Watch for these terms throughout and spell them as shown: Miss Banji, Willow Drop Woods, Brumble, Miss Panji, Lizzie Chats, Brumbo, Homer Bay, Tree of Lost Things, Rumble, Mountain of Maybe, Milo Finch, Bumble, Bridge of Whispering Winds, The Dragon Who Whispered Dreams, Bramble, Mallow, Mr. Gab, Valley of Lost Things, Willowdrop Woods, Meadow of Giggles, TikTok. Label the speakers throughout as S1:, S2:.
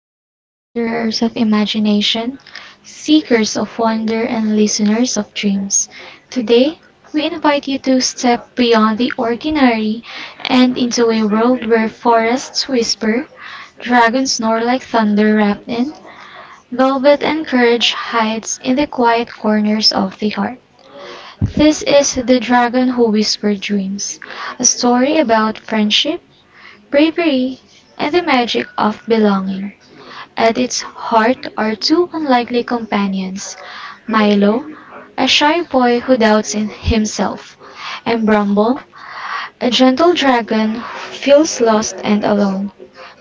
S1: Welcome, wanderers of imagination, seekers of wonder, and listeners of dreams. Today, we invite you to step beyond the ordinary and into a world where forests whisper, dragons snore like thunder wrapped in velvet, and courage hides in the quiet corners of the heart. This is The Dragon Who Whispered Dreams, a story about friendship, bravery, and the magic of belonging. At its heart are two unlikely companions, Milo, a shy boy who doubts in himself, and Bramble, a gentle dragon who feels lost and alone.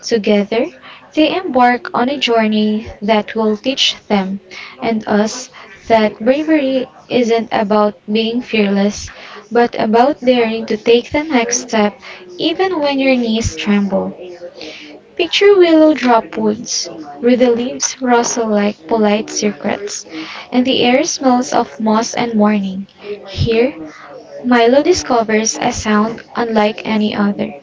S1: Together, they embark on a journey that will teach them, and us, that bravery isn't about being fearless, but about daring to take the next step even when your knees tremble. Picture willow-drop woods, where the leaves rustle like polite secrets, and the air smells of moss and morning. Here, Milo discovers a sound unlike any other.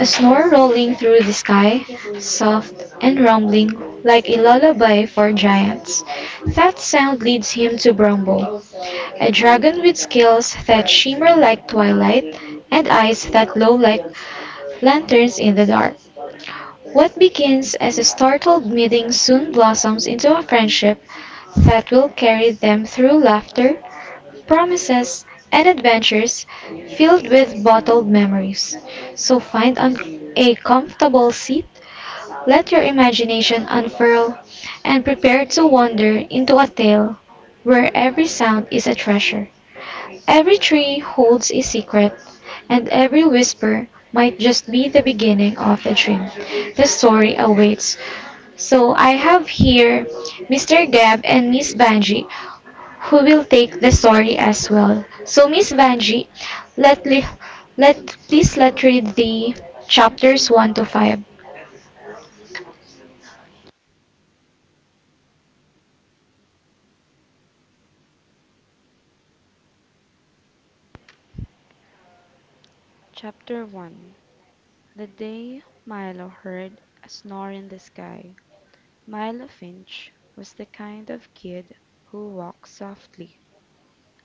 S1: A snore rolling through the sky, soft and rumbling like a lullaby for giants. That sound leads him to Brumbo, a dragon with scales that shimmer like twilight and eyes that glow like lanterns in the dark. What begins as a startled meeting soon blossoms into a friendship that will carry them through laughter, promises, and adventures filled with bottled memories. So find a comfortable seat, let your imagination unfurl, and prepare to wander into a tale where every sound is a treasure. Every tree holds a secret, and every whisper might just be the beginning of the dream. The story awaits, so I have here Mr. Gab and Miss Banji, who will take the story as well. So Miss Banji, let li- let please let read the chapters 1 to 5.
S2: CHAPTER 1. The day Milo heard a snore in the sky. Milo Finch was the kind of kid who walked softly,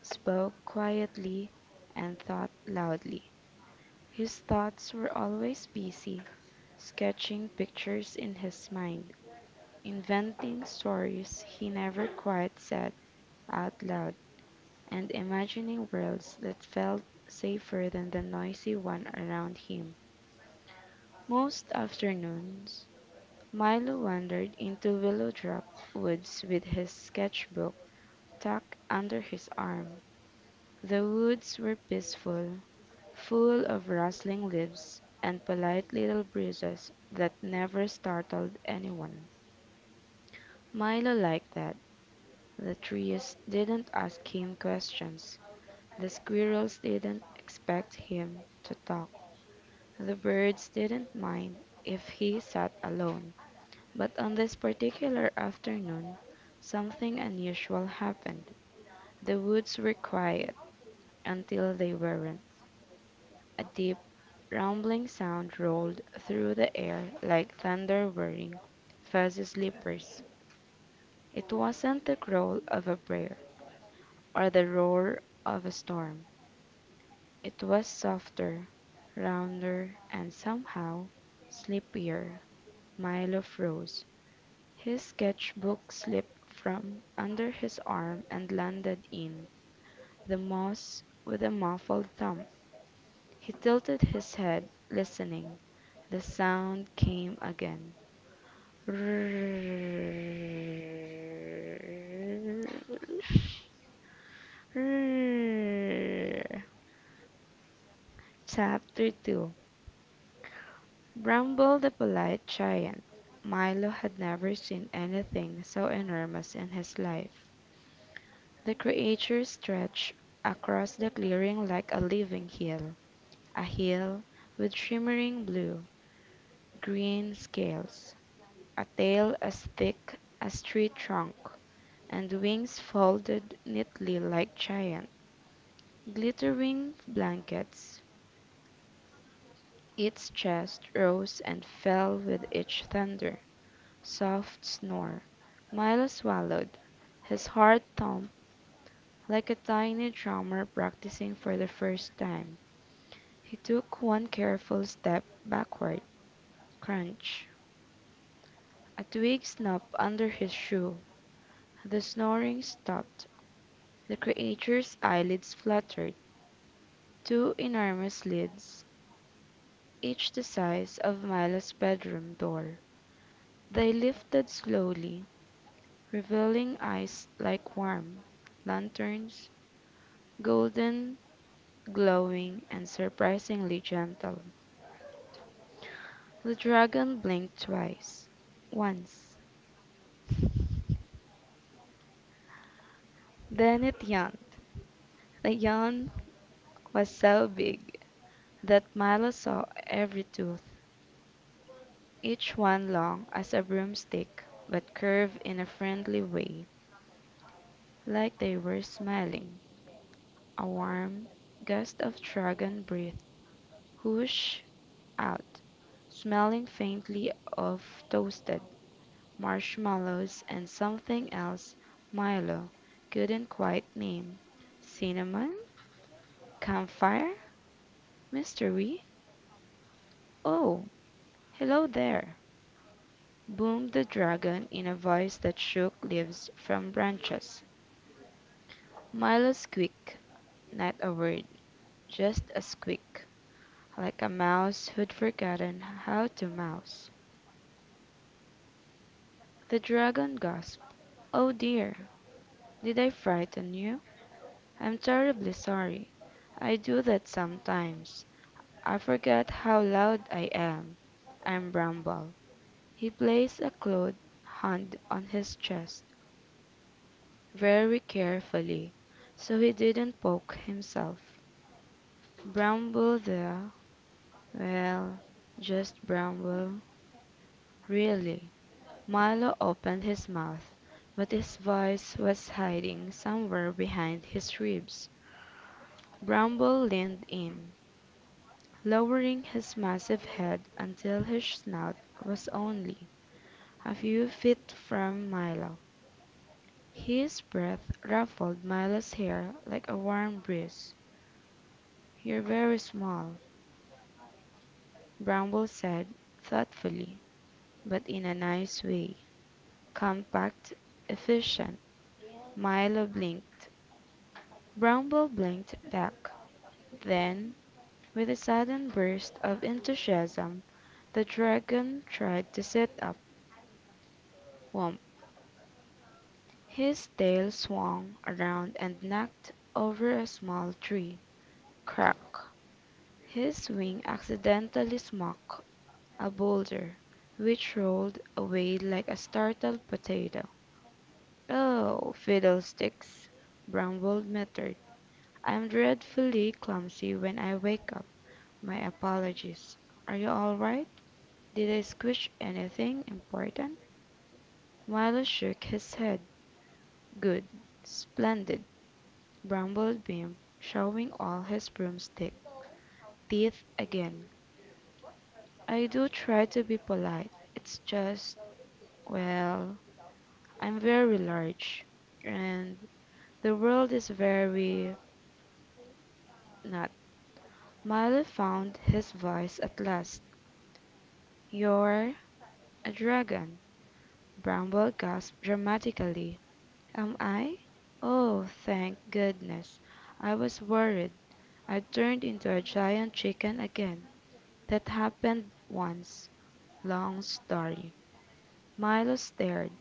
S2: spoke quietly, and thought loudly. His thoughts were always busy, sketching pictures in his mind, inventing stories he never quite said out loud, and imagining worlds that felt safer than the noisy one around him. Most afternoons, Milo wandered into Willowdrop Woods with his sketchbook tucked under his arm. The woods were peaceful, full of rustling leaves and polite little breezes that never startled anyone. Milo liked that. The trees didn't ask him questions. The squirrels didn't expect him to talk. The birds didn't mind if he sat alone. But on this particular afternoon something unusual happened. The woods were quiet until they weren't. A deep, rumbling sound rolled through the air like thunder whirring fuzzy slippers. It wasn't the growl of a bear or the roar of a storm. It was softer, rounder, and somehow sleepier. Milo froze. His sketchbook slipped from under his arm and landed in the moss with a muffled thump. He tilted his head, listening. The sound came again. CHAPTER Two. Bramble the polite giant. Milo had never seen anything so enormous in his life. The creature stretched across the clearing like a living heel, a heel with shimmering blue, green scales, a tail as thick as tree trunk, and wings folded neatly like giant, glittering blankets. Its chest rose and fell with each thunder, soft snore. Milo swallowed, his heart thumped like a tiny drummer practicing for the first time. He took one careful step backward. Crunch! A twig snapped under his shoe. The snoring stopped. The creature's eyelids fluttered, two enormous lids, each the size of Milo's bedroom door. They lifted slowly, revealing eyes like warm lanterns, golden, glowing, and surprisingly gentle. The dragon blinked twice, once. Then it yawned. The yawn was so big that Milo saw every tooth, each one long as a broomstick but curved in a friendly way, like they were smiling. A warm gust of dragon breath whooshed out, smelling faintly of toasted marshmallows and something else Milo couldn't quite name. Cinnamon? Campfire? Mystery? "Oh, hello there!" boomed the dragon in a voice that shook leaves from branches. Milo's squeaked, not a word, just a squeak, like a mouse who'd forgotten how to mouse. The dragon gasped, "Oh dear, did I frighten you? I'm terribly sorry. I do that sometimes. I forget how loud I am. I'm Bramble." He placed a clawed hand on his chest, very carefully so he didn't poke himself. "Bramble there? Well, just Bramble, really." Milo opened his mouth, but his voice was hiding somewhere behind his ribs. Bramble leaned in, lowering his massive head until his snout was only a few feet from Milo. His breath ruffled Milo's hair like a warm breeze. "You're very small," Bramble said, thoughtfully, but in a nice way. "Compact, efficient." Milo blinked. Bramble blinked back. Then, with a sudden burst of enthusiasm, the dragon tried to sit up. Whomp! His tail swung around and knocked over a small tree. Crack! His wing accidentally smacked a boulder, which rolled away like a startled potato. "Oh, fiddlesticks!" grumbled Method. "I'm dreadfully clumsy when I wake up. My apologies. Are you all right? Did I squish anything important?" Milo shook his head. "Good. Splendid!" grumbled Bean, showing all his broomstick teeth again. "I do try to be polite. It's just, well, I'm very large, and the world is very not." Milo found his voice at last. "You're a dragon." Bramble gasped dramatically. "Am I? Oh, thank goodness! I was worried I turned into a giant chicken again. That happened once. Long story." Milo stared.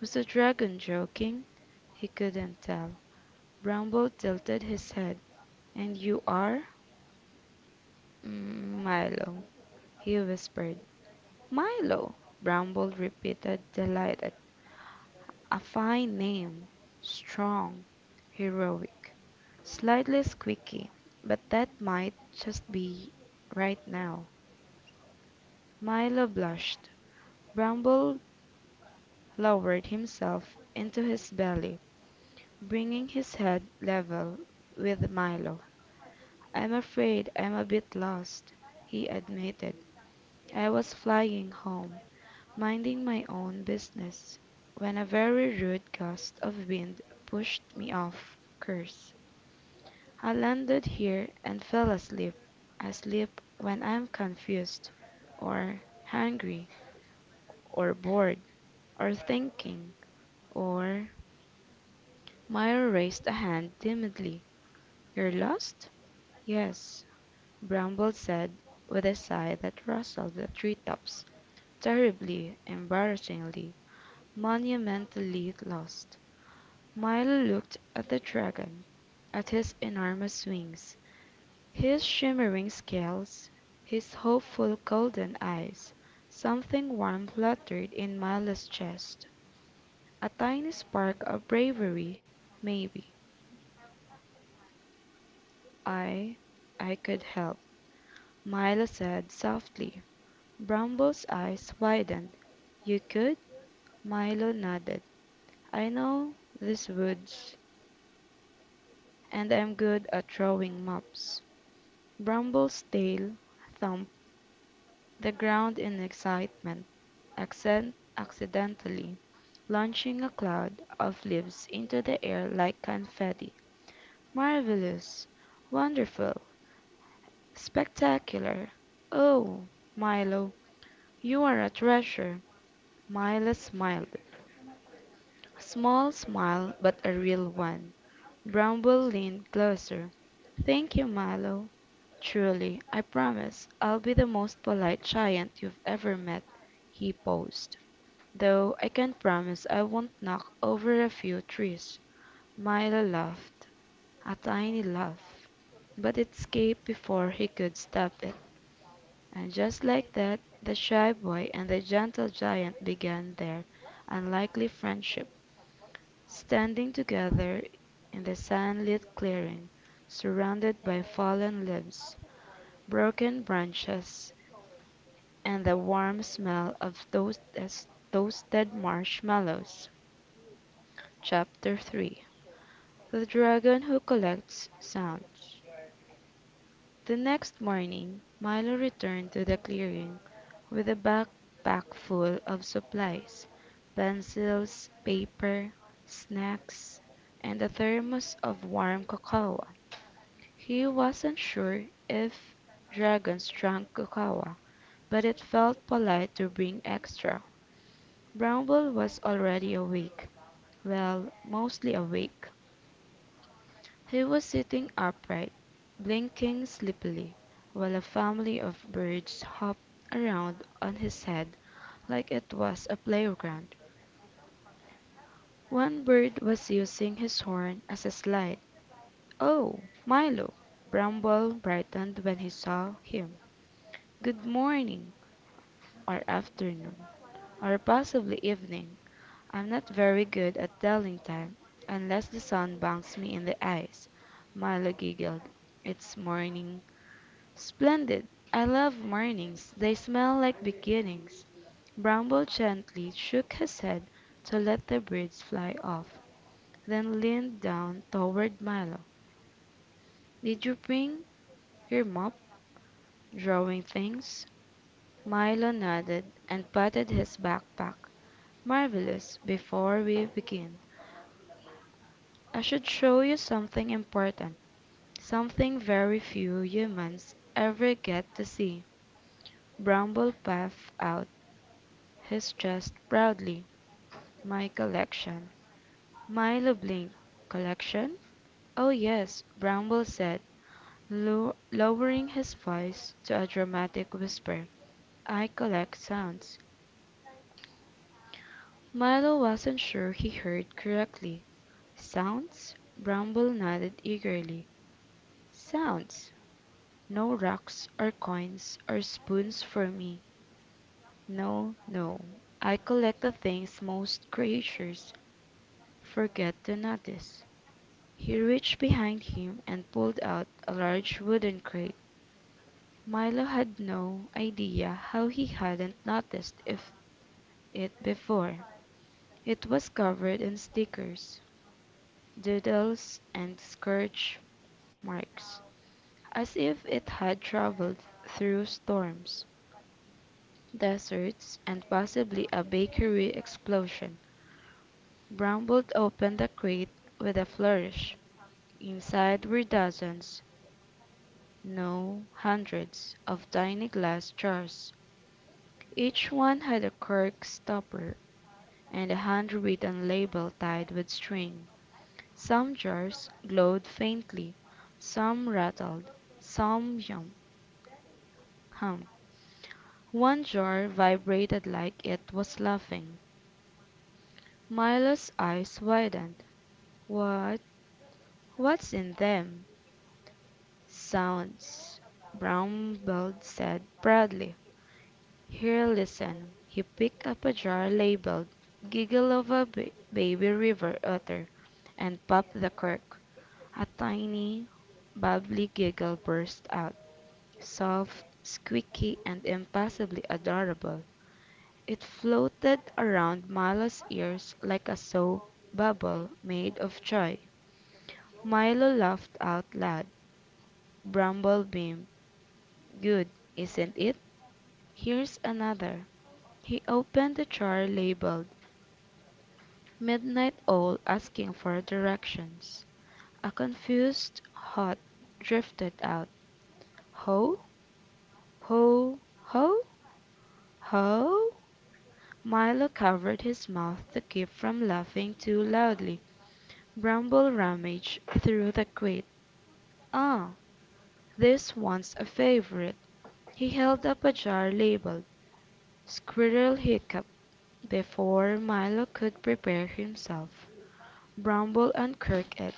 S2: Was the dragon joking? He couldn't tell. Bramble tilted his head. "And you are?" "Milo," he whispered. "Milo!" Bramble repeated, delighted. "A fine name. Strong, heroic. Slightly squeaky, but that might just be right now." Milo blushed. Bramble lowered himself into his belly, bringing his head level with Milo. "I'm afraid I'm a bit lost," he admitted. "I was flying home, minding my own business, when a very rude gust of wind pushed me off course. I landed here and fell asleep. I sleep when I am confused, or hungry, or bored, or thinking, or—" Myra raised a hand timidly. "You're lost?" "Yes," Bramble said, with a sigh that rustled the treetops, "terribly, embarrassingly, monumentally lost." Milo looked at the dragon, at his enormous wings, his shimmering scales, his hopeful golden eyes. Something warm fluttered in Milo's chest, a tiny spark of bravery, maybe. "I I could help," Milo said softly. Bumble's eyes widened. "You could?" Milo nodded. "I know these woods, and I'm good at drawing maps." Bramble's tail thumped the ground in excitement, accent accidentally launching a cloud of leaves into the air like confetti. "Marvelous! Wonderful! Spectacular! Oh, Milo, you are a treasure!" Milo smiled. A small smile, but a real one. Bramble leaned closer. "Thank you, Milo. Truly, I promise I'll be the most polite giant you've ever met." He paused. "Though I can promise I won't knock over a few trees." Milo laughed, a tiny laugh, but it escaped before he could stop it. And just like that, the shy boy and the gentle giant began their unlikely friendship, standing together in the sunlit clearing, surrounded by fallen leaves, broken branches, and the warm smell of those toasted marshmallows. Chapter 3. The Dragon Who Collects Sounds. The next morning, Milo returned to the clearing with a backpack full of supplies, pencils, paper, snacks, and a thermos of warm cocoa. He wasn't sure if dragons drank cocoa, but it felt polite to bring extra. Bramble was already awake. Well, mostly awake. He was sitting upright, blinking sleepily, while a family of birds hopped around on his head like it was a playground. One bird was using his horn as a slide. "Oh, Milo!" Bramble brightened when he saw him. "Good morning! Or afternoon, or possibly evening. I'm not very good at telling time, unless the sun bangs me in the eyes." Milo giggled. "It's morning." "Splendid! I love mornings. They smell like beginnings." Bramble gently shook his head to let the birds fly off, then leaned down toward Milo. "Did you bring your mop drawing things?" Milo nodded and patted his backpack. "Marvellous! Before we begin, I should show you something important, something very few humans ever get to see." Bramble puffed out his chest proudly. "My collection." Milo blinked. "Collection?" "Oh, yes," Bramble said, lo lowering his voice to a dramatic whisper. "I collect sounds." Milo wasn't sure he heard correctly. "Sounds?" Bramble nodded eagerly. "Sounds! No rocks or coins or spoons for me, no, no. I collect the things most creatures forget to notice." He reached behind him and pulled out a large wooden crate. Milo had no idea how he hadn't noticed if it before. It was covered in stickers, doodles, and scourge marks, as if it had traveled through storms, deserts, and possibly a bakery explosion. Bramble opened the crate with a flourish. Inside were dozens, no, hundreds, of tiny glass jars. Each one had a cork stopper and a handwritten label tied with string. Some jars glowed faintly, some rattled, some hummed. One jar vibrated like it was laughing. Milo's eyes widened. "What what's in them, sounds?" Brown said, proudly. "Here, listen." He picked up a jar labeled "Giggle of a Baby River Otter" and popped the cork. A tiny, bubbly giggle burst out, soft, squeaky, and impossibly adorable. It floated around Milo's ears like a soap bubble made of joy. Milo laughed out loud. Bumble beamed. "Good, isn't it? Here's another." He opened the jar labeled "Midnight Owl, Asking for Directions." A confused "Hot" drifted out. "Ho, ho, ho, ho!" Milo covered his mouth to keep from laughing too loudly. Bramble rummaged through the crate. "Ah, this one's a favorite." He held up a jar labeled "Squirrel Hiccup." Before Milo could prepare himself, Bramble uncorked it.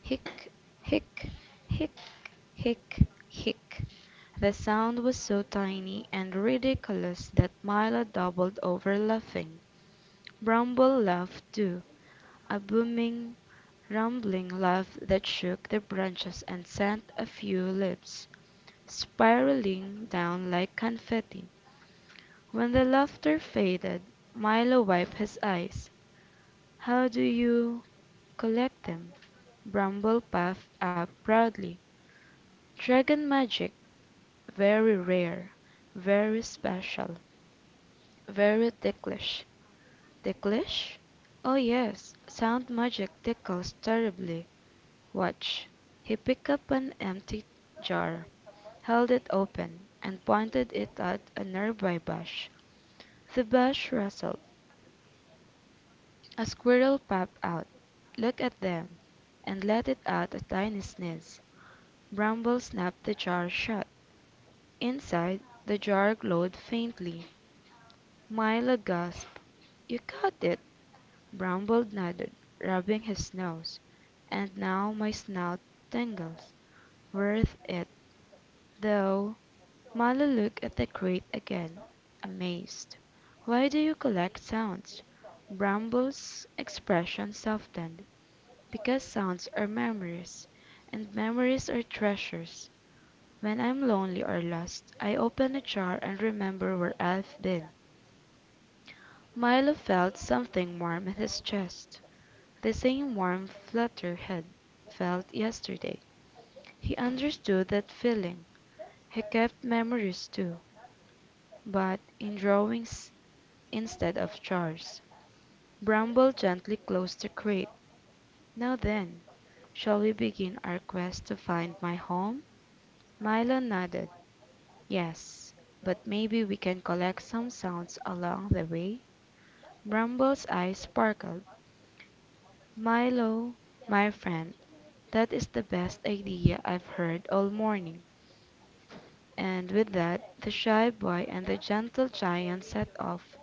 S2: "Hic, hic, hic, hic, hic." The sound was so tiny and ridiculous that Milo doubled over laughing. Bramble laughed too, a booming, rumbling laugh that shook the branches and sent a few leaves spiraling down like confetti. When the laughter faded, Milo wiped his eyes. "How do you collect them?" Bramble puffed up proudly. "Dragon magic. Very rare, very special, very ticklish." "Ticklish?" "Oh, yes. Sound magic tickles terribly. Watch." He picked up an empty jar, held it open, and pointed it at a nearby bush. The bush rustled. A squirrel popped out, Look at them, and let it out a tiny sneeze. Bramble snapped the jar shut. Inside, the jar glowed faintly. Milo gasped. "You caught it!" Bramble nodded, rubbing his nose. "And now my snout tingles. Worth it, though." Milo looked at the crate again, amazed. "Why do you collect sounds?" Bramble's expression softened. "Because sounds are memories, and memories are treasures. When I'm lonely or lost, I open a jar and remember where I've been. Milo felt something warm in his chest, the same warm Flutterhead felt yesterday. He understood that feeling. He kept memories too, but in drawings instead of jars. Bramble gently closed the crate. Now then, shall we begin our quest to find my home? Milo nodded. "Yes, but maybe we can collect some sounds along the way?" Bumble's eyes sparkled. "Milo, my friend, that is the best idea I've heard all morning," and with that the shy boy and the gentle giant set off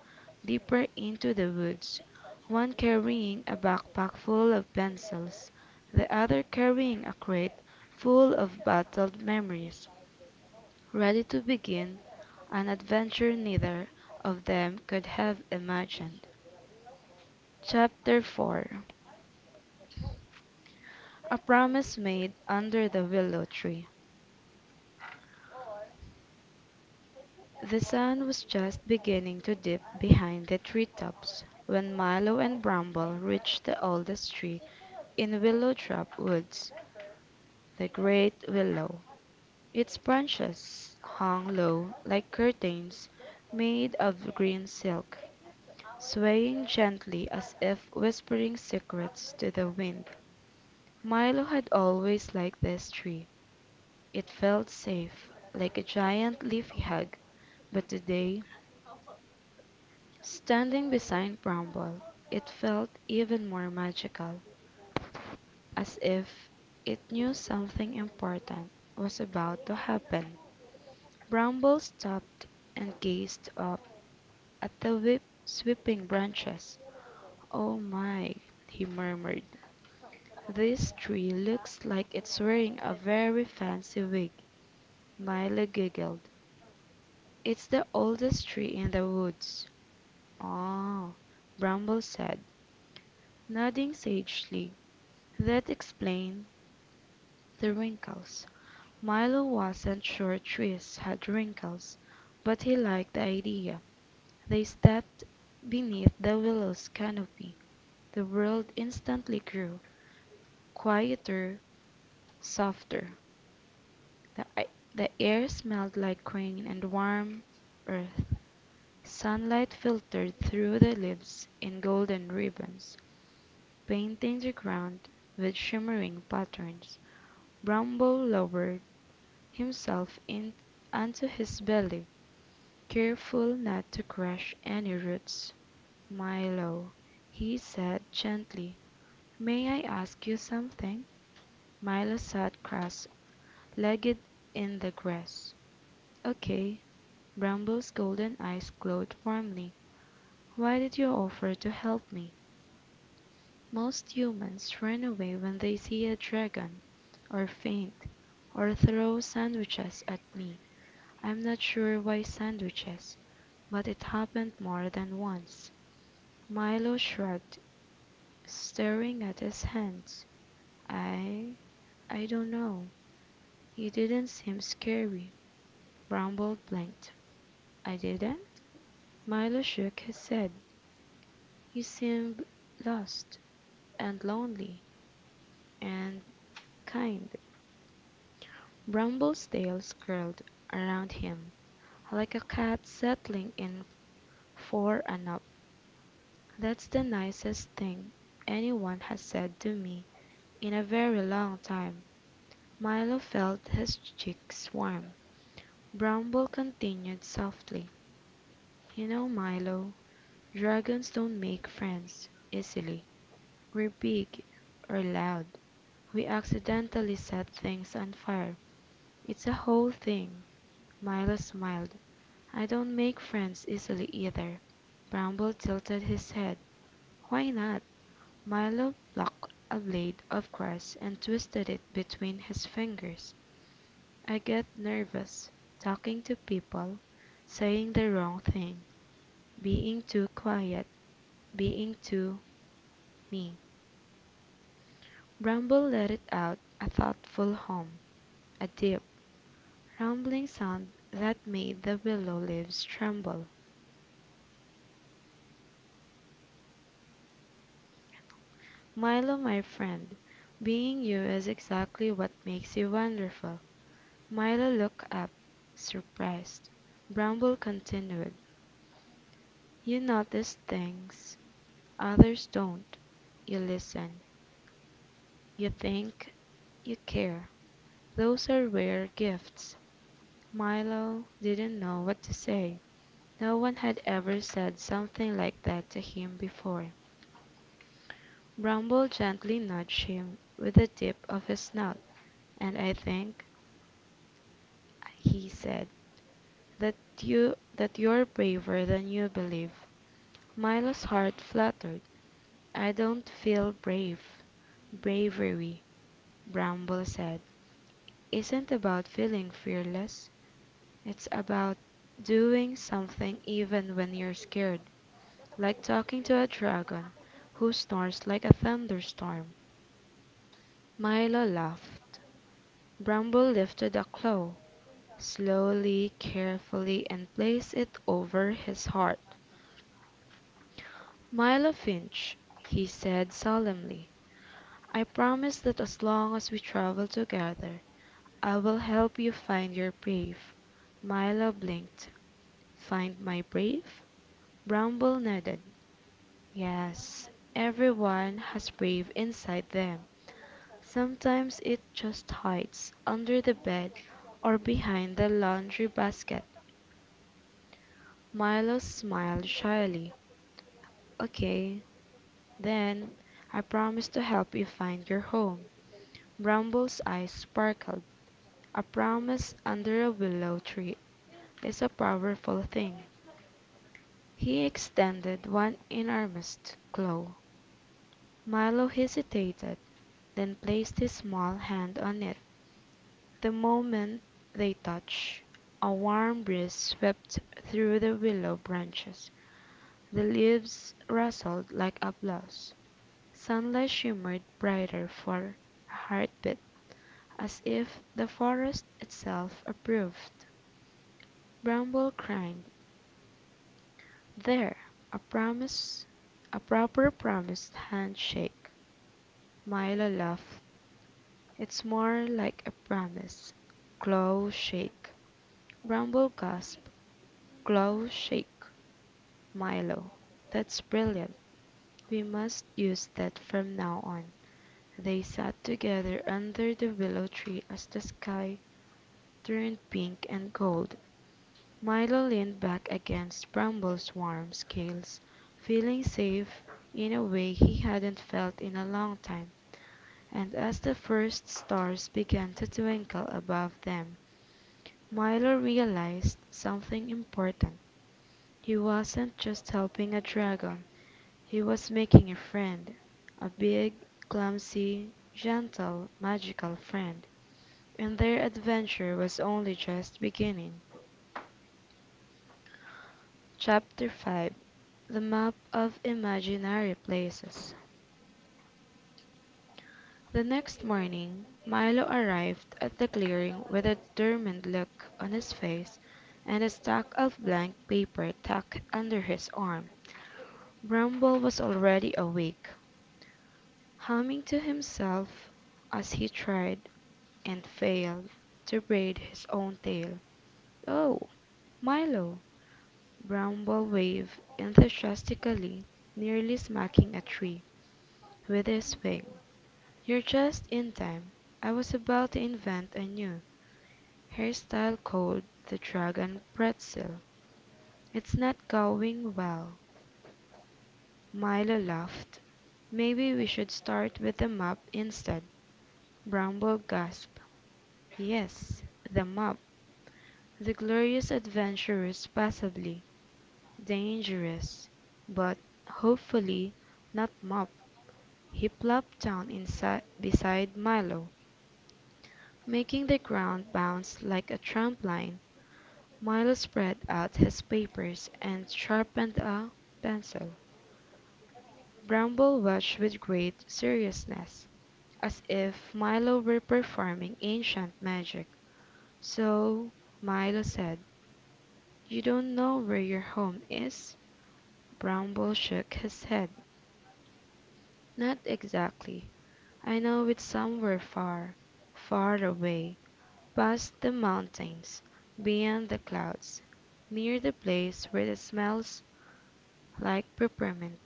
S2: deeper into the woods, one carrying a backpack full of pencils, the other carrying a crate full of bottled memories, ready to begin an adventure neither of them could have imagined. CHAPTER Four: A Promise Made Under the Willow Tree. The sun was just beginning to dip behind the treetops when Milo and Bramble reached the oldest tree in Willowtrap Woods, the great willow. Its branches hung low like curtains made of green silk, swaying gently as if whispering secrets to the wind. Milo had always liked this tree. It felt safe, like a giant leafy hug, but today, standing beside Bramble, it felt even more magical, as if it knew something important was about to happen. Bramble stopped and gazed up at the whip sweeping branches. "Oh my," he murmured. "This tree looks like it's wearing a very fancy wig." Milo giggled. "It's the oldest tree in the woods." "Ah," Bramble said, nodding sagely. "That explained the wrinkles." Milo wasn't sure trees had wrinkles, but he liked the idea. They stepped beneath the willow's canopy. The world instantly grew quieter, softer. The, a- the air smelled like rain and warm earth. Sunlight filtered through the leaves in golden ribbons, painting the ground with shimmering patterns. Bramble lowered himself in onto his belly, careful not to crush any roots. "Milo," he said gently, "may I ask you something?" Milo sat cross-legged in the grass. "Okay." Bramble's golden eyes glowed warmly. "Why did you offer to help me? Most humans run away when they see a dragon, or faint, or throw sandwiches at me. I'm not sure why sandwiches, but it happened more than once." Milo shrugged, staring at his hands. "I I don't know. You didn't seem scary." Bramble blinked. "I didn't?" Milo shook his head. "You seemed lost, and lonely, and kind." Bramble's tails curled around him, like a cat settling in for a nap. "That's the nicest thing anyone has said to me in a very long time." Milo felt his cheeks warm. Bramble continued softly, "You know, Milo, dragons don't make friends easily. We're big, we're loud, we accidentally set things on fire. It's a whole thing." Milo smiled. "I don't make friends easily either." Bramble tilted his head. "Why not?" Milo plucked a blade of grass and twisted it between his fingers. "I get nervous, talking to people, saying the wrong thing, being too quiet, being too me." Bramble let it out, a thoughtful hum, a deep, rumbling sound that made the willow leaves tremble. "Milo, my friend, being you is exactly what makes you wonderful." Milo looked up, surprised. Bramble continued: "You notice things others don't. You listen. You think. You care. Those are rare gifts." Milo didn't know what to say. No one had ever said something like that to him before. Bramble gently nudged him with the tip of his snout. "And I think," he said, "that you're braver than you believe." Milo's heart fluttered. "I don't feel brave." "Bravery," Bramble said, "isn't about feeling fearless. It's about doing something even when you're scared, like talking to a dragon who snores like a thunderstorm." Milo laughed. Bramble lifted a claw, slowly, carefully, and placed it over his heart. "Milo Finch," he said solemnly, "I promise that as long as we travel together I will help you find your brave." Milo blinked. "Find my brave?" Bramble nodded. "Yes. Everyone has brave inside them. Sometimes it just hides under the bed or behind the laundry basket." Milo smiled shyly. "Okay, then I promise to help you find your home." Bramble's eyes sparkled. "A promise under a willow tree is a powerful thing." He extended one enormous claw. Milo hesitated, then placed his small hand on it. The moment they touched, a warm breeze swept through the willow branches. The leaves rustled like applause. Sunlight shimmered brighter for a heartbeat, as if the forest itself approved. Bramble cried, "There! A promise, a proper promised handshake." Milo laughed. "It's more like a promise. Claw shake." Bramble gasped, "Claw shake, Milo! That's brilliant. We must use that from now on." They sat together under the willow tree as the sky turned pink and gold. Milo leaned back against Bramble's warm scales, feeling safe in a way he hadn't felt in a long time, and as the first stars began to twinkle above them, Milo realized something important. He wasn't just helping a dragon, he was making a friend, a big, clumsy, gentle, magical friend, and their adventure was only just beginning. CHAPTER Five, THE MAP OF IMAGINARY PLACES. The next morning Milo arrived at the clearing with a determined look on his face and a stack of blank paper tucked under his arm. Bramble was already awake, humming to himself as he tried, and failed, to braid his own tail. "Oh, Milo!" Bramble waved enthusiastically, nearly smacking a tree with his wing. "You're just in time. I was about to invent a new hairstyle called the Drag and Pretzel. It's not going well." Milo laughed. "Maybe we should start with the map instead." Bramble gasped. "Yes, the map. The Glorious Adventurers, possibly dangerous but, hopefully, not mop." He plopped down inside beside Milo, making the ground bounce like a trampoline. Milo spread out his papers and sharpened a pencil. Bramble watched with great seriousness, as if Milo were performing ancient magic. "So," Milo said, "you don't know where your home is?" Bramble shook his head. "Not exactly. I know it's somewhere far, far away, past the mountains, beyond the clouds, near the place where it smells like peppermint."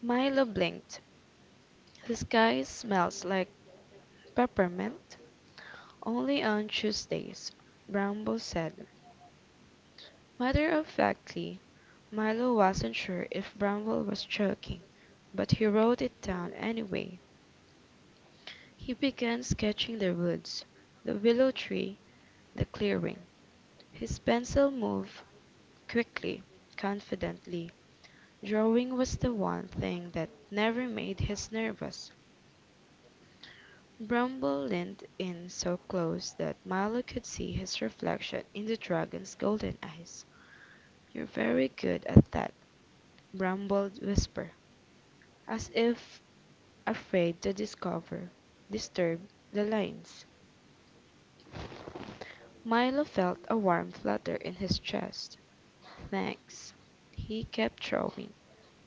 S2: Milo blinked. "The sky smells like peppermint only on Tuesdays," Bramble said, matter of factly. Milo wasn't sure if Bramble was joking, but he wrote it down anyway. He began sketching the woods, the willow tree, the clearing. His pencil moved quickly, confidently. Drawing was the one thing that never made him nervous. Bramble leaned in so close that Milo could see his reflection in the dragon's golden eyes. "You're very good at that," Bramble whispered, as if afraid to discover, disturb, the lines. Milo felt a warm flutter in his chest. "Thanks." He kept throwing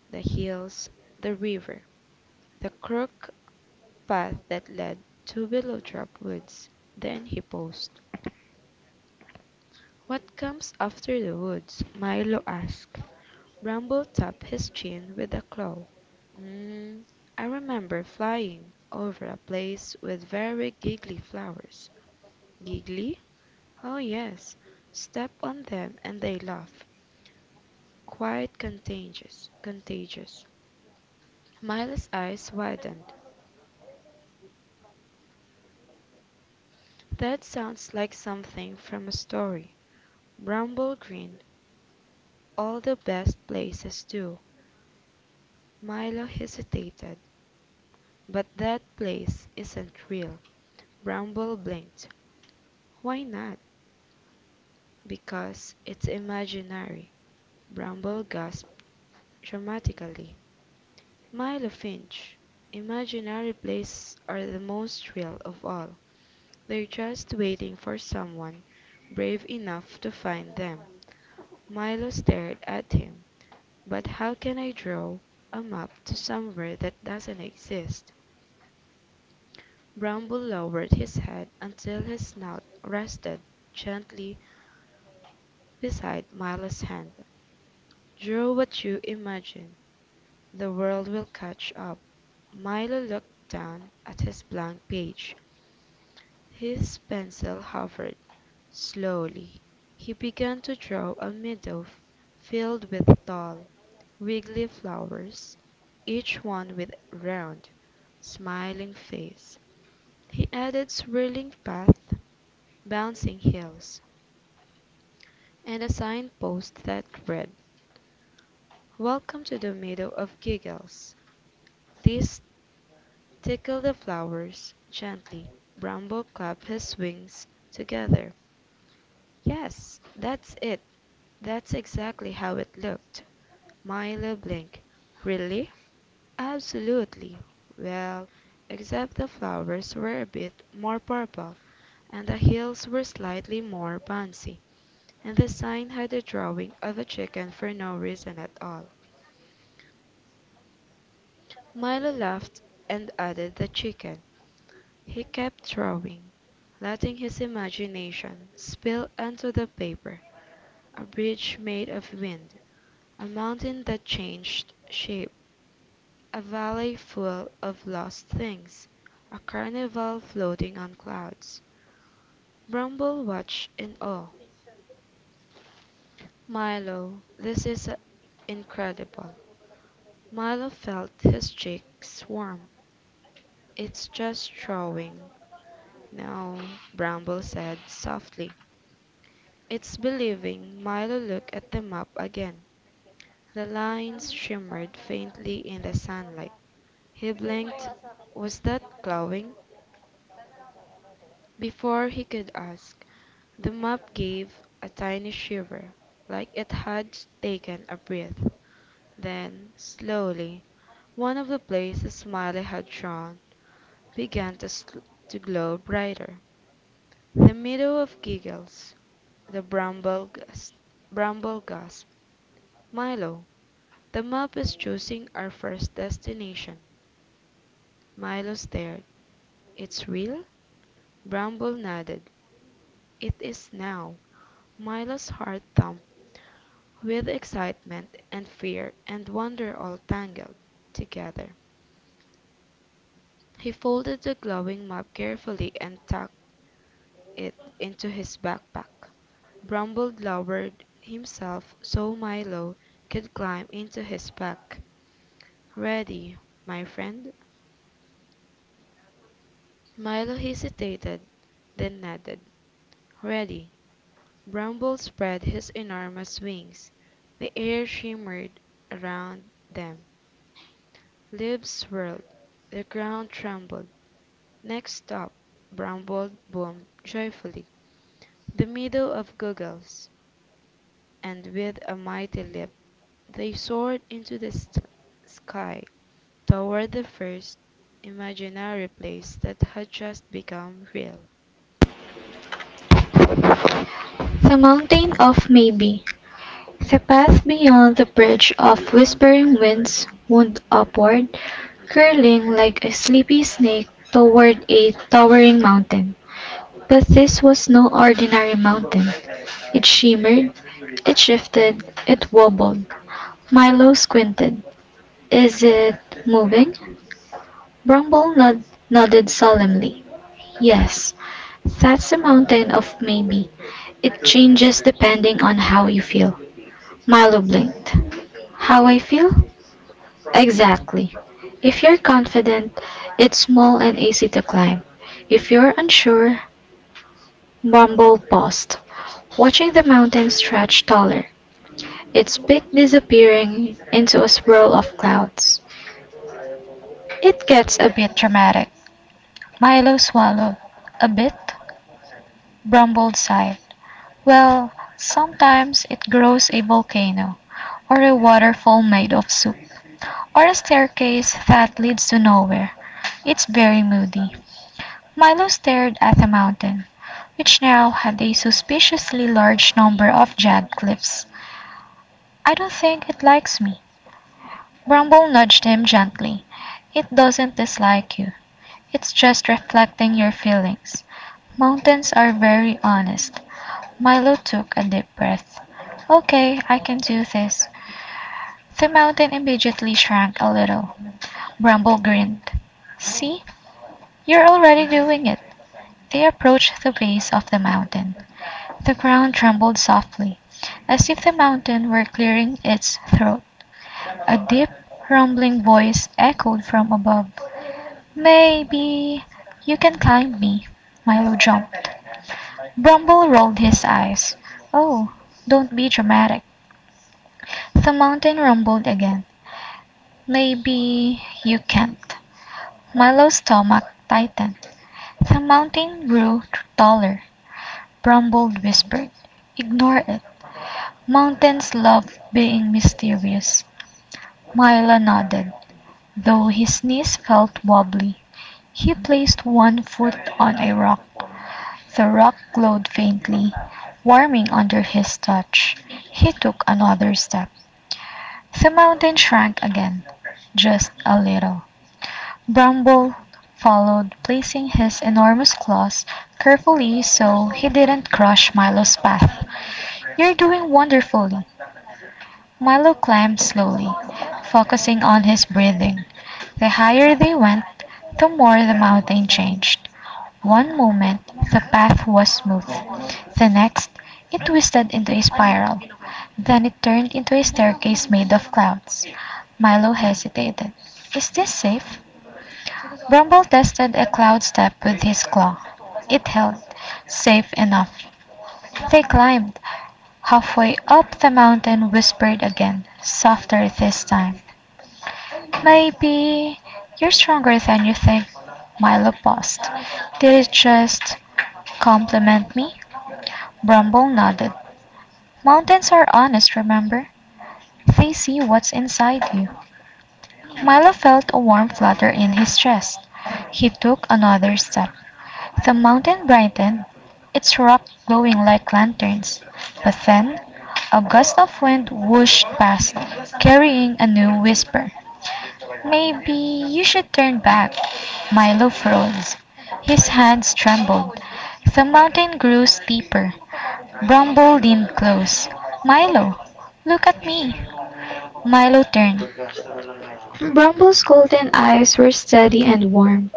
S2: the hills, the river, the crooked path that led to Willowdrop Woods. Then he paused. "What comes after the woods?" Milo asked. Bramble tapped his chin with a claw. "Um, I remember flying over a place with very giggly flowers." "Giggly?" "Oh, yes. Step on them and they laugh. Quite contagious." Milo's eyes widened. "That sounds like something from a story." Bramble grinned. "All the best places do." Milo hesitated. "But that place isn't real." Bramble blinked. "Why not?" "Because it's imaginary." Bramble gasped dramatically. "Milo Finch, imaginary places are the most real of all. They're just waiting for someone brave enough to find them." Milo stared at him. "But how can I draw a map to somewhere that doesn't exist?" Brown Bull lowered his head until his snout rested gently beside Milo's hand. "Draw what you imagine. The world will catch up." Milo looked down at his blank page. His pencil hovered. Slowly he began to draw a meadow filled with tall, wiggly flowers, each one with a round, smiling face. He added swirling paths, bouncing hills, and a signpost that read, "Welcome to the Meadow of Giggles. This tickle the flowers gently." Bramble clapped his wings together. "Yes, that's it. That's exactly how it looked." Myla blinked. "Really?" "Absolutely. Well, except the flowers were a bit more purple, and the hills were slightly more bouncy, and the sign had a drawing of a chicken for no reason at all." Milo laughed and added the chicken. He kept drawing, letting his imagination spill onto the paper. A bridge made of wind, a mountain that changed shape, a valley full of lost things, a carnival floating on clouds. Bramble watched in awe. "Milo, this is incredible." Milo felt his cheeks warm. "It's just drawing." "No," Bramble said softly. "It's believing." Milo looked at the map again. The lines shimmered faintly in the sunlight. He blinked. Was that glowing? Before he could ask, the map gave a tiny shiver, like it had taken a breath. Then, slowly, one of the places Smiley had drawn began to glow brighter. The meadow of giggles, the bramble gasp. "Milo, the map is choosing our first destination." Milo stared. "It's real?" Bramble nodded. "It is now." Milo's heart thumped with excitement and fear and wonder all tangled together. He folded the glowing map carefully and tucked it into his backpack. Pack. Bramble lowered himself so Milo could climb into his pack. "Ready, my friend?" Milo hesitated, then nodded. "Ready." Bramble spread his enormous wings. The air shimmered around them. Leaves swirled. The ground trembled. "Next up," Bramble boomed joyfully, "the middle of goggles!" And with a mighty leap they soared into the sky toward the first imaginary place that had just become real.
S1: The Mountain of Maybe. The path beyond the bridge of whispering winds wound upward, curling like a sleepy snake toward a towering mountain. But this was no ordinary mountain. It shimmered, it shifted, it wobbled. Milo squinted. Is it moving? Brumble nodded solemnly. Yes, that's a mountain of maybe. It changes depending on how you feel. Milo blinked. How I feel? Exactly. If you're confident, it's small and easy to climb. If you're unsure, Bumble paused, watching the mountain stretch taller, its peak disappearing into a swirl of clouds. It gets a bit dramatic. Milo swallowed. A bit? Brumbled sighed. Well, sometimes it grows a volcano, or a waterfall made of soup, or a staircase that leads to nowhere. It's very moody. Milo stared at the mountain, which now had a suspiciously large number of jagged cliffs. I don't think it likes me. Brumble nudged him gently. It doesn't dislike you. It's just reflecting your feelings. Mountains are very honest. Milo took a deep breath. Okay, I can do this. The mountain immediately shrank a little. Bramble grinned. See, you're already doing it. They approached the base of the mountain. The ground trembled softly, as if the mountain were clearing its throat. A deep, rumbling voice echoed from above. Maybe you can climb me. Milo jumped. Brumble rolled his eyes. Oh, don't be dramatic. The mountain rumbled again. Maybe you can't. Milo's stomach tightened. The mountain grew taller. Brumbold whispered, ignore it. Mountains love being mysterious. Milo nodded, though his knees felt wobbly. He placed one foot on a rock. The rock glowed faintly, warming under his touch. He took another step. The mountain shrank again, just a little. Bramble followed, placing his enormous claws carefully so he didn't crush Milo's path. You're doing wonderfully. Milo climbed slowly, focusing on his breathing. The higher they went, the more the mountain changed. One moment, the path was smooth. The next, it twisted into a spiral. Then it turned into a staircase made of clouds. Milo hesitated. Is this safe? Grumble tested a cloud step with his claw. It held. Safe enough. They climbed. Halfway up, the mountain whispered again, softer this time. Maybe you're stronger than you think. Milo paused. Did it just compliment me? Brumble nodded. Mountains are honest, remember? They see what's inside you. Milo felt a warm flutter in his chest. He took another step. The mountain brightened, its rock glowing like lanterns. But then, a gust of wind whooshed past, carrying a new whisper. Maybe you should turn back. Milo froze. His hands trembled. The mountain grew steeper. Bramble leaned close. Milo, look at me. Milo turned. Brumble's golden eyes were steady and warm.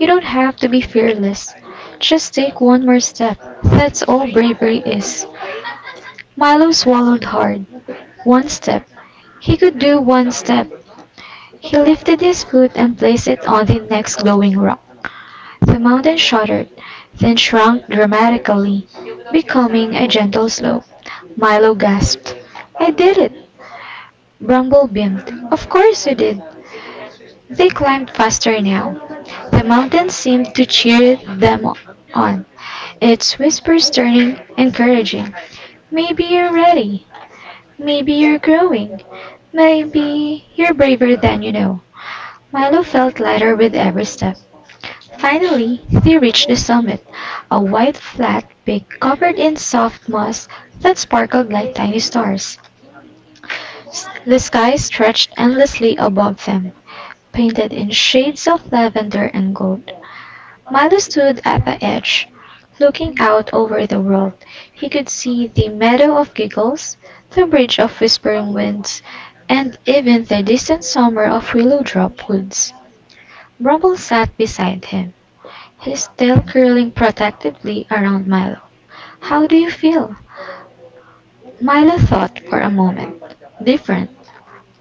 S1: You don't have to be fearless. Just take one more step. That's all bravery is. Milo swallowed hard. One step. He could do one step. He lifted his foot and placed it on the next glowing rock. The mountain shuddered, then shrunk dramatically, becoming a gentle slope. Milo gasped. I did it! Bramble beamed. Of course you did. They climbed faster now. The mountain seemed to cheer them on, its whispers turning encouraging. Maybe you're ready. Maybe you're growing. Maybe you're braver than you know. Milo felt lighter with every step. Finally, they reached the summit, a wide flat peak covered in soft moss that sparkled like tiny stars. The sky stretched endlessly above them, painted in shades of lavender and gold. Milo stood at the edge, looking out over the world. He could see the meadow of giggles, the bridge of whispering winds, and even the distant summer of willow drop woods. Bumble sat beside him, his tail curling protectively around Milo. How do you feel? Milo thought for a moment. Different.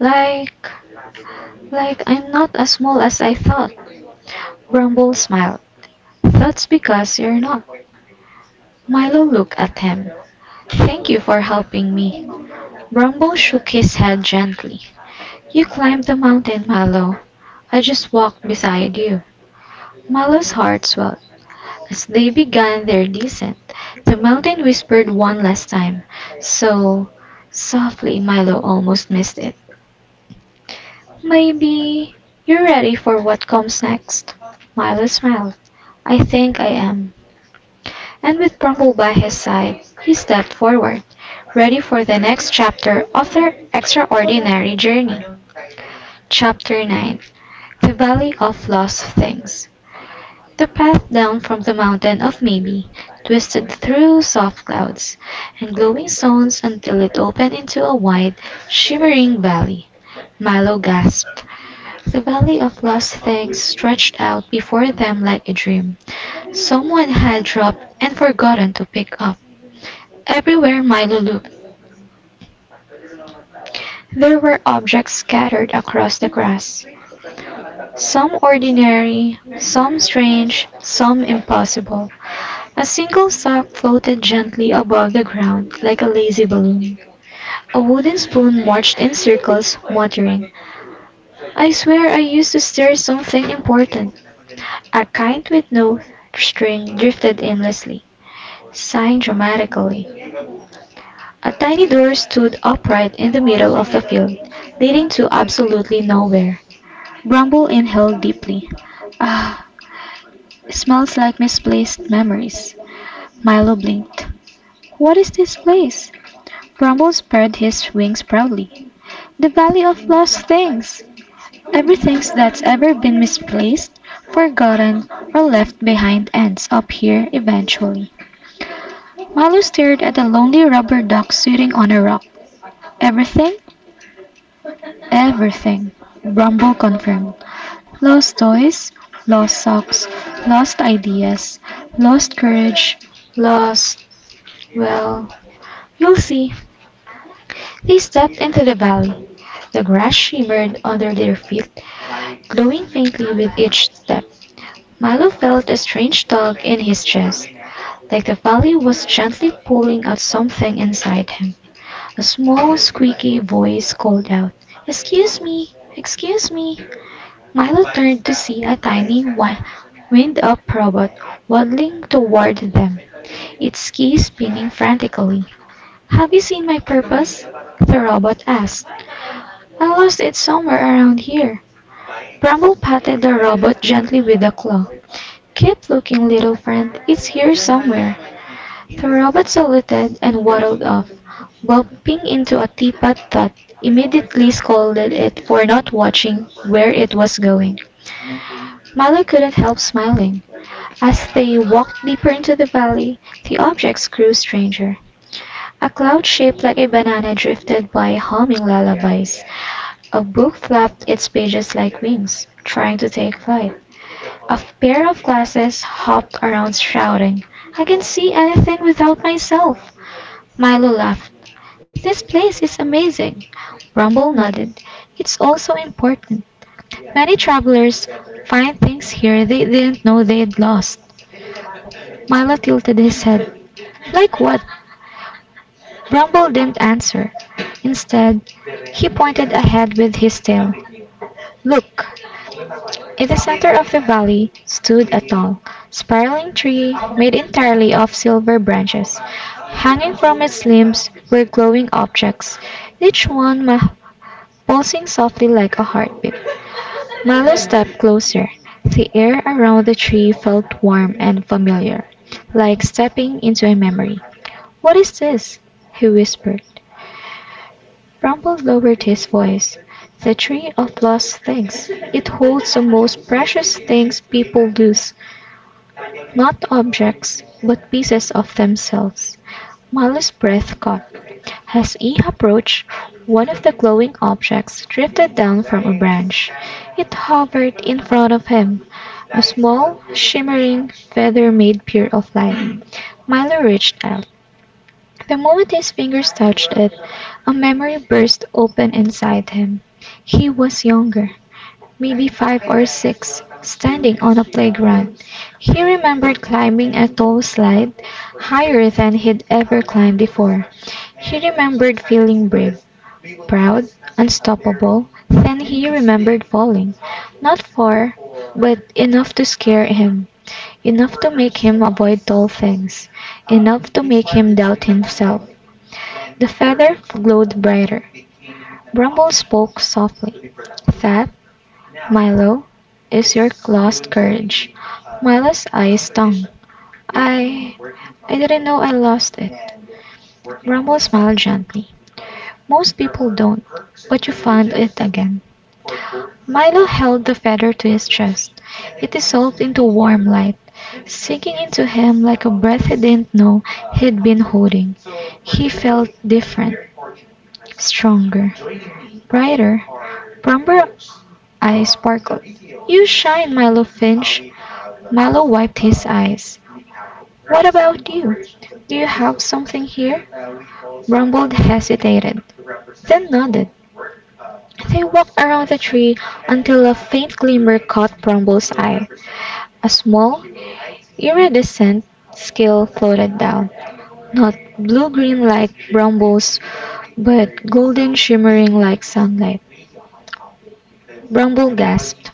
S1: Like like I'm not as small as I thought. Bumble smiled. That's because you're not. Milo looked at him. Thank you for helping me. Brumble shook his head gently. You climbed the mountain, Mallow. I just walked beside you. Mallow's heart swelled. As they began their descent, the mountain whispered one last time. So softly, Milo almost missed it. Maybe you're ready for what comes next. Milo smiled. I think I am. And with Brumble by his side, he stepped forward, ready for the next chapter of their extraordinary journey. Chapter 9. The Valley of Lost Things. The path down from the mountain of Maybe twisted through soft clouds and glowing stones until it opened into a wide, shimmering valley. Milo gasped. The Valley of Lost Things stretched out before them like a dream someone had dropped and forgotten to pick up. Everywhere Milo looked, there were objects scattered across the grass. Some ordinary, some strange, some impossible. A single sock floated gently above the ground like a lazy balloon. A wooden spoon marched in circles, muttering, I swear I used to stir something important. A kite with no string drifted aimlessly, sighing dramatically. A tiny door stood upright in the middle of the field, leading to absolutely nowhere. Bramble inhaled deeply. Ah! Smells like misplaced memories. Milo blinked. What is this place? Grumble spread his wings proudly. The Valley of Lost Things. Everything that's ever been misplaced, forgotten, or left behind ends up here eventually. Milo stared at a lonely rubber duck sitting on a rock. Everything? Everything, Brumble confirmed. Lost toys, lost socks, lost ideas, lost courage, lost, well, you'll see. They stepped into the valley. The grass shimmered under their feet, glowing faintly with each step. Milo felt a strange tug in his chest, like the valley was gently pulling at something inside him. A small, squeaky voice called out, excuse me! Excuse me! Milo turned to see a tiny, wind-up robot waddling toward them, its keys spinning frantically. Have you seen my purpose? The robot asked. I lost it somewhere around here. Bramble patted the robot gently with a claw. Keep looking, little friend. It's here somewhere. The robot saluted and waddled off, bumping into a teapot that immediately scolded it for not watching where it was going. Mallow couldn't help smiling. As they walked deeper into the valley, the objects grew stranger. A cloud shaped like a banana drifted by, humming lullabies. A book flapped its pages like wings, trying to take flight. A pair of glasses hopped around shouting, I can see anything without myself! Milo laughed. This place is amazing. Rumble nodded. It's also important. Many travelers find things here they didn't know they'd lost. Milo tilted his head. Like what? Rumble didn't answer. Instead, he pointed ahead with his tail. Look! In the center of the valley stood a tall, spiraling tree made entirely of silver branches. Hanging from its limbs were glowing objects, each one ma- pulsing softly like a heartbeat. Milo stepped closer. The air around the tree felt warm and familiar, like stepping into a memory. What is this? He whispered. Rumble lowered his voice. The Tree of Lost Things. It holds the most precious things people lose. Not objects, but pieces of themselves. Mallow's breath caught. As he approached, one of the glowing objects drifted down from a branch. It hovered in front of him, a small, shimmering feather made pure of light. Milo reached out. The moment his fingers touched it, a memory burst open inside him. He was younger, maybe five or six, standing on a playground. He remembered climbing a tall slide, higher than he'd ever climbed before. He remembered feeling brave, proud, unstoppable. Then he remembered falling. Not far, but enough to scare him, enough to make him avoid tall things, enough to make him doubt himself. The feather glowed brighter. Brumble spoke softly. That, Milo, is your lost courage. Milo's eyes stung. I. I didn't know I lost it. Brumble smiled gently. Most people don't, but you find it again. Milo held the feather to his chest. It dissolved into warm light, sinking into him like a breath he didn't know he'd been holding. He felt different, stronger, brighter. Remember, eyes sparkled. You shine, Milo Finch. Milo wiped his eyes. What about you? Do you have something here? Brumbold hesitated, then nodded. They walked around the tree until a faint glimmer caught Brumble's eye. A small, iridescent skill floated down, not blue-green like brambles, but golden, shimmering like sunlight. Bramble gasped.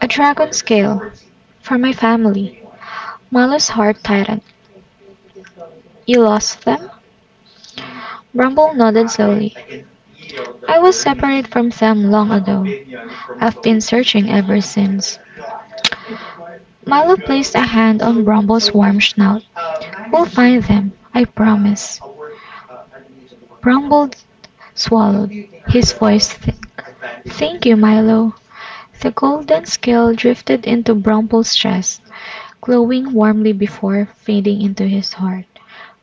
S1: A dragon scale. For my family. Malu's heart tightened. You lost them? Bramble nodded slowly. I was separated from them long ago. I've been searching ever since. Milo placed a hand on Brumble's warm snout. We'll find them, I promise. Brumble swallowed, his voice thick. Thank you, Milo. The golden scale drifted into Brumble's chest, glowing warmly before fading into his heart.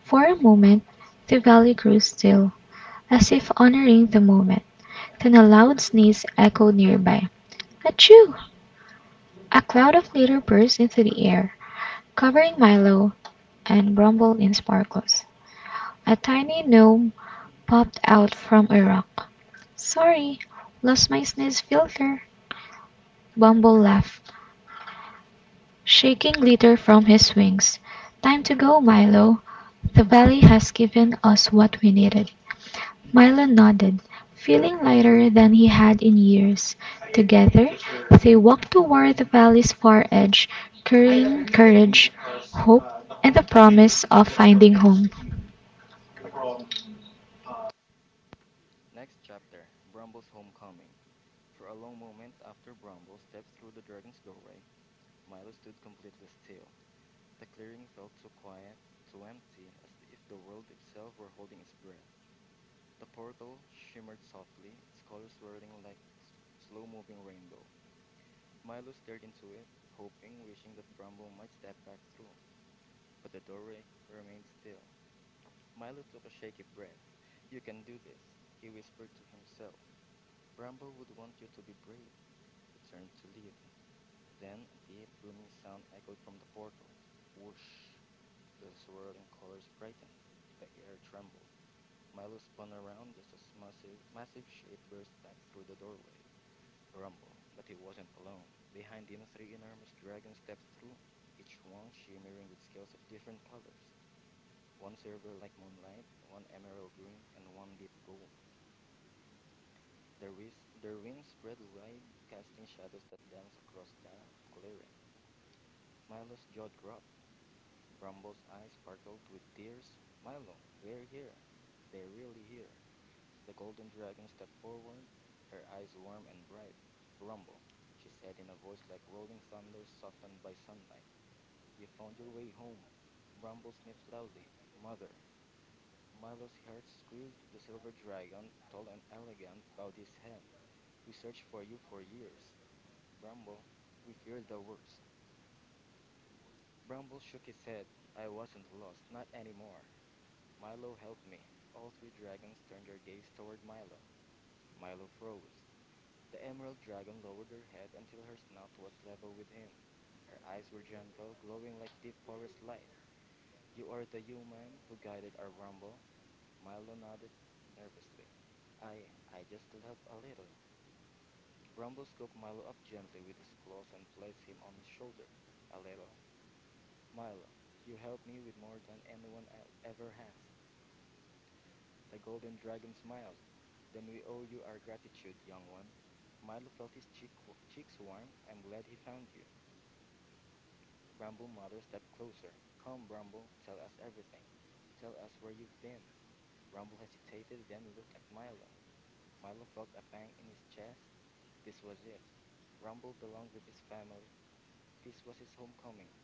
S1: For a moment, the valley grew still, as if honoring the moment. Then a loud sneeze echoed nearby. Achoo! A cloud of glitter burst into the air, covering Milo and rumble in sparkles. A tiny gnome popped out from a rock. Sorry, lost my sneeze filter. Bumble laughed, shaking glitter from his wings. Time to go, Milo. The valley has given us what we needed. Milo nodded, feeling lighter than he had in years. Together, they walked toward the valley's far edge, carrying courage, hope, and the promise of finding home.
S3: Next chapter: Brumble's Homecoming. For a long moment after Brumble stepped through the dragon's doorway, Milo stood completely still. The clearing felt too quiet, too empty, as if the world itself were holding its breath. The portal shimmered softly, its colors swirling like slow moving rainbow. Milo stared into it, hoping, wishing that Brumble might step back through. But the doorway remained still. Milo took a shaky breath. "You can do this," he whispered to himself. "Bramble would want you to be brave." He turned to leave. Then a deep, booming sound echoed from the portal. Whoosh! The swirling colors brightened. The air trembled. Milo spun around just as massive, massive shape burst back through the doorway. Brumble, but he wasn't alone. Behind him, three enormous dragons stepped through, each one shimmering with scales of different colors. One silver like moonlight, one emerald green, and one deep gold. Their wings spread wide, casting shadows that danced across the clearing. Milo's jaw dropped. Brumble's eyes sparkled with tears. "Milo, they're here. They're really here." The golden dragon stepped forward, her eyes warm and bright. "Brumble," she said in a voice like rolling thunder softened by sunlight. "You found your way home." Brumble sniffed loudly. "Mother." Milo's heart squeezed. The silver dragon, tall and elegant, bowed his head. "We searched for you for years. Brumble, we feared the worst." Brumble shook his head. "I wasn't lost, not anymore. Milo helped me." All three dragons turned their gaze toward Milo. Milo froze. The emerald dragon lowered her head until her snout was level with him. Her eyes were gentle, glowing like deep forest light. "You are the human who guided our rumble." Milo nodded nervously. I just help a little." Brumble scooped Milo up gently with his claws and placed him on his shoulder. "A little. Milo, you helped me with more than anyone ever has." The golden dragon smiled. "Then we owe you our gratitude, young one." Milo felt his cheeks warm. "I'm glad he found you." Bramble Mother stepped closer. "Come, Bramble, tell us everything. Tell us where you've been." Bramble hesitated, then looked at Milo. Milo felt a pang in his chest. This was it. Bramble belonged with his family. This was his homecoming.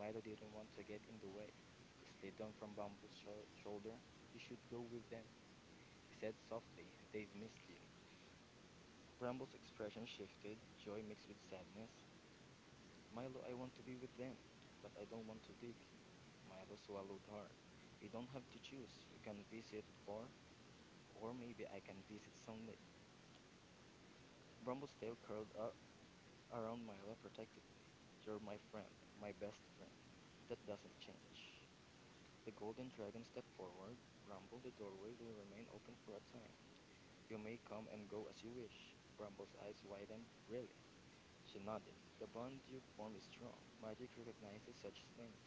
S3: Milo didn't want to get in the way. He slid down from Bramble's shoulder. "You should go with them," he said softly. "They've missed you." Bramble's expression shifted, joy mixed with sadness. "Milo, I want to be with them, but I don't want to leave you." Milo swallowed hard. "You don't have to choose. You can visit, or maybe I can visit someday." Bramble's tail curled up around Milo protectively. "You're my friend, my best friend. That doesn't change." The golden dragon stepped forward. "Bramble, the doorway will remain open for a time. You may come and go as you wish." Bramble's eyes widened. "Really?" She nodded. "The bond you form is strong. Magic recognizes such things."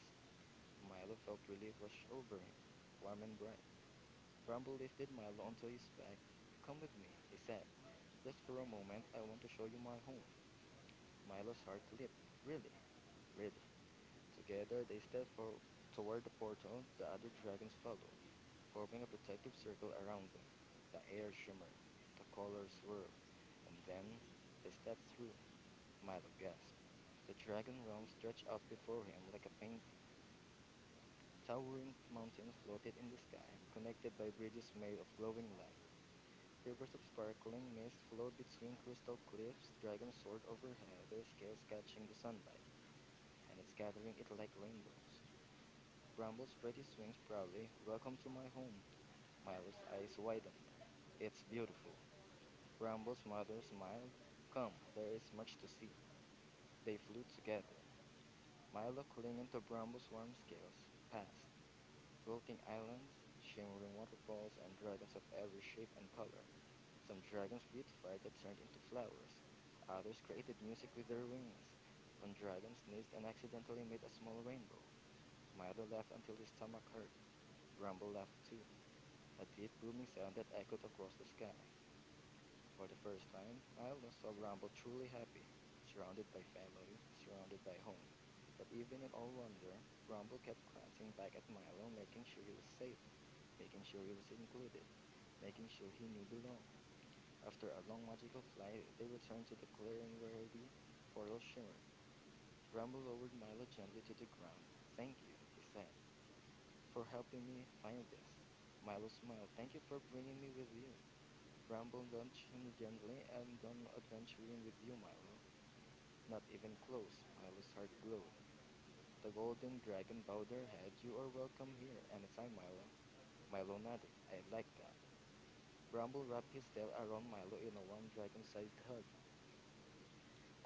S3: Milo felt relief wash over him, warm and bright. Bramble lifted Milo onto his back. "Come with me," he said. "Just for a moment, I want to show you my home." Milo's heart leaped. "Really?" "Really." Together, they stepped toward the portal. The other dragons followed, forming a protective circle around them. The air shimmered, the colors swirled, and then they stepped through. Milo gasped. The dragon realm stretched out before him like a painting. Towering mountains floated in the sky, connected by bridges made of glowing light. Rivers of sparkling mist flowed between crystal cliffs. Dragons soared overhead, their scales catching the sunlight, and it's scattering it like rainbows. Bramble spread his wings proudly. "Welcome to my home." Milo's eyes widened. "It's beautiful." Bramble's mother smiled. "Come, there is much to see." They flew together, Milo clinging to Brumbo's warm scales, past floating islands, shimmering waterfalls, and dragons of every shape and color. Some dragons breathed fire that turned into flowers, others created music with their wings. One dragon sneezed and accidentally made a small rainbow. Milo laughed until his stomach hurt. Brumbo laughed too, a deep booming sound that echoed across the sky. For the first time, Milo saw Rumble truly happy, surrounded by family, surrounded by home. But even in all wonder, Rumble kept glancing back at Milo, making sure he was safe, making sure he was included, making sure he knew belong. After a long magical flight, they returned to the clearing where the portal shimmered. Rumble lowered Milo gently to the ground. "Thank you," he said, "for helping me find this." Milo smiled. "Thank you for bringing me with you." Bramble nudged him gently. "I'm done adventuring with you, Milo. Not even close." Milo's heart glowed. The golden dragon bowed their head. "You are welcome here, anytime, Milo." Milo nodded. "I like that." Bramble wrapped his tail around Milo in a warm dragon-sized hug.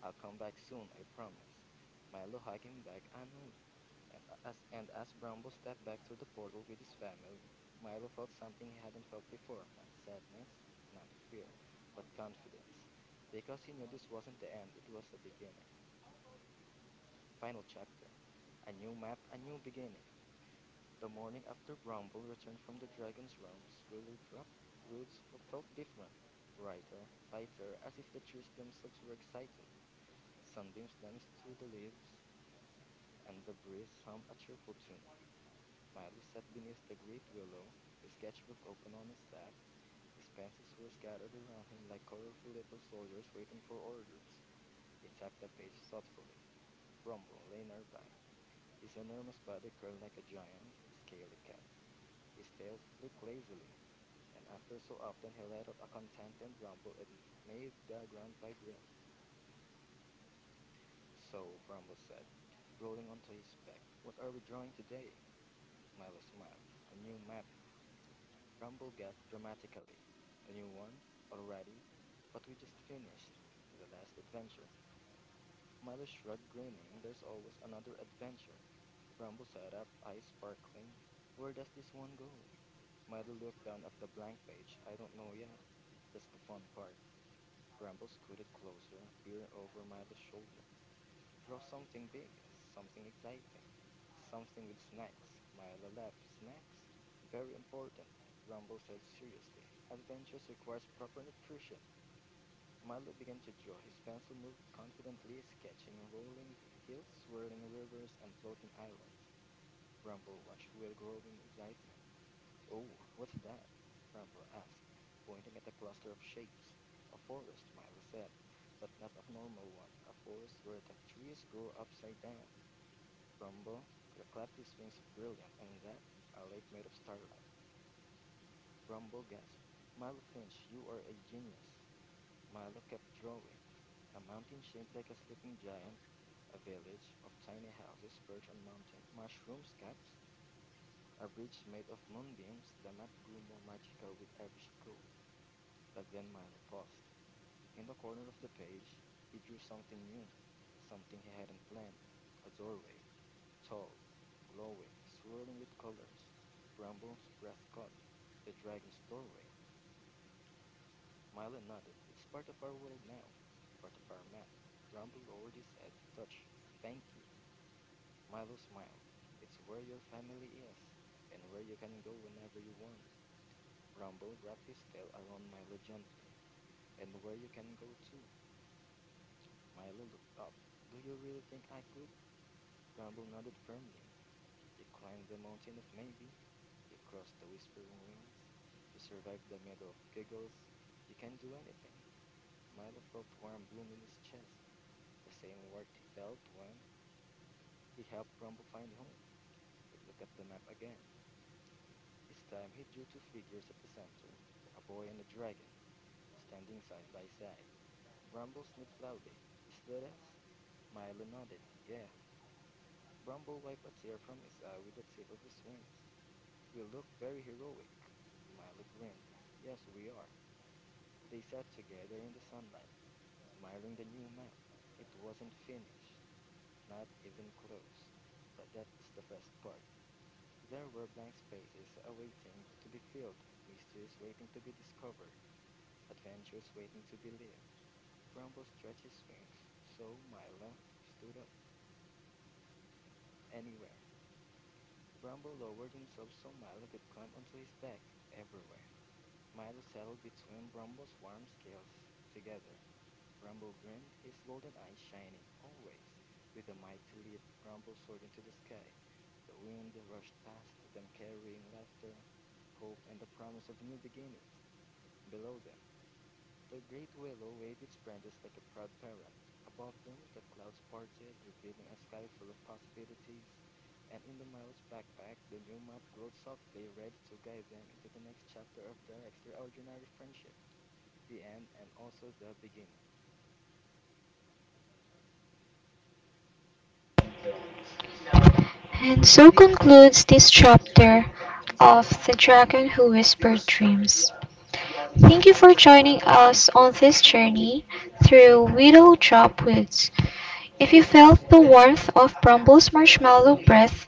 S3: "I'll come back soon, I promise." Milo hugged him back. "I know." And as Bramble stepped back through the portal with his family, Milo felt something he hadn't felt before, not sadness, not fear, but confidence. Because he knew this wasn't the end, it was a beginning. Final chapter. A new map, a new beginning. The morning after Bramble returned from the dragon's realms, Willow dropped. Wills felt different, brighter, lighter, as if the trees themselves were excited. Sunbeams danced through the leaves, and the breeze hummed a cheerful tune. Milo sat beneath the great willow, his sketchbook open on his lap. His pencils were scattered around him like colorful little soldiers waiting for orders. He tapped the page thoughtfully. Brumble lay nearby, his enormous body curled like a giant, scaly cat. His tail flicked lazily, and after so often he let out a contented rumble and made the ground vibrate. "So," Brumble said, rolling onto his back, "what are we drawing today?" Milo smiled. "A new map." Rumble gasped dramatically. "A new one? Already? But we just finished. The last adventure." Milo shrugged, grinning. "There's always another adventure." Rumble sat up, eyes sparkling. "Where does this one go?" Milo looked down at the blank page. "I don't know yet. That's the fun part." Rumble scooted closer, peering over Milo's shoulder. "Draw something big, something exciting, something with snacks." Myla laughed. "Snacks?" "Very important," Rumble said seriously. "Adventures requires proper nutrition." Milo began to draw. His pencil moved confidently, sketching rolling hills, swirling rivers, and floating islands. Rumble watched with growing excitement. "Oh, what's that?" Rumble asked, pointing at a cluster of shapes. "A forest," Milo said, "but not a normal one, a forest where the trees grow upside down." Brumble clapped his wings. "Brilliant! And that, a lake made of starlight." Brumble gasped, "Milo Finch, you are a genius." Milo kept drawing. A mountain shaped like a sleeping giant, a village of tiny houses perched on mountain mushrooms caps, a bridge made of moonbeams. The map grew more magical with every stroke. But then Milo paused. In the corner of the page, he drew something new, something he hadn't planned. A doorway. Tall, glowing, swirling with colors. Bramble's breath caught. "The dragon's doorway." Milo nodded. "It's part of our world now. Part of our map." Bramble lowered his head. "Touch. Thank you." Milo smiled. "It's where your family is, and where you can go whenever you want." Bramble wrapped his tail around Milo gently. "And where you can go too." Milo looked up. "Do you really think I could?" Bramble nodded firmly. "You climbed the mountain of maybe. You cross the whispering winds. You survive the middle of giggles. You can do anything." Milo felt warm bloom in his chest, the same warmth he felt when he helped Rumble find home. He looked at the map again. This time he drew two figures at the center, a boy and a dragon, standing side by side. Brumble sniffed loudly. "Is that us?" Milo nodded. "Yeah." Brumble wiped a tear from his eye with the tip of his wings. "We look very heroic." Milo grinned. "Yes, we are." They sat together in the sunlight, admiring the new map. It wasn't finished, not even close. But that's the best part. There were blank spaces awaiting to be filled, mysteries waiting to be discovered, adventures waiting to be lived. Bramble stretched his wings, so Milo stood up. "Anywhere." Bramble lowered himself so Milo could climb onto his back. "Everywhere." Milo settled between Bramble's warm scales. "Together." Bramble grinned, his golden eyes shining. "Always." With a mighty leap, Bramble soared into the sky. The wind rushed past them, carrying laughter, hope, and the promise of new beginnings. Below them, the great willow waved its branches like a proud parent. Above them, the clouds parted, revealing a sky full of possibilities. And in the Milo's backpack, the new map glowed softly, ready to guide them into the next chapter of their extraordinary friendship, the end and also the beginning.
S1: And so concludes this chapter of The Dragon Who Whispered Dreams. Thank you for joining us on this journey through Willow Drop Woods. If you felt the warmth of Brumble's marshmallow breath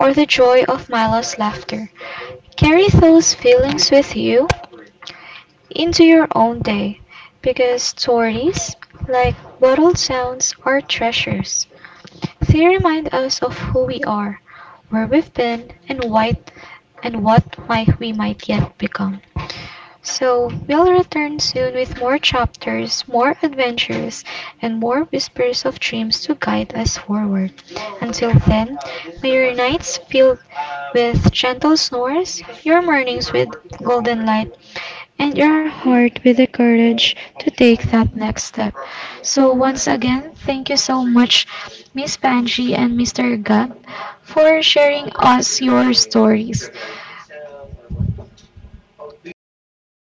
S1: or the joy of Milo's laughter, carry those feelings with you into your own day, because stories, like bottled sounds, are treasures. They remind us of who we are, where we've been, and why, and what might we might yet become. So we'll return soon with more chapters, more adventures, and more whispers of dreams to guide us forward. Until then, may your nights filled with gentle snores, your mornings with golden light, and your heart with the courage to take that next step. So, once again, thank you so much, Miss Panji and Mr. Gab, for sharing us your stories.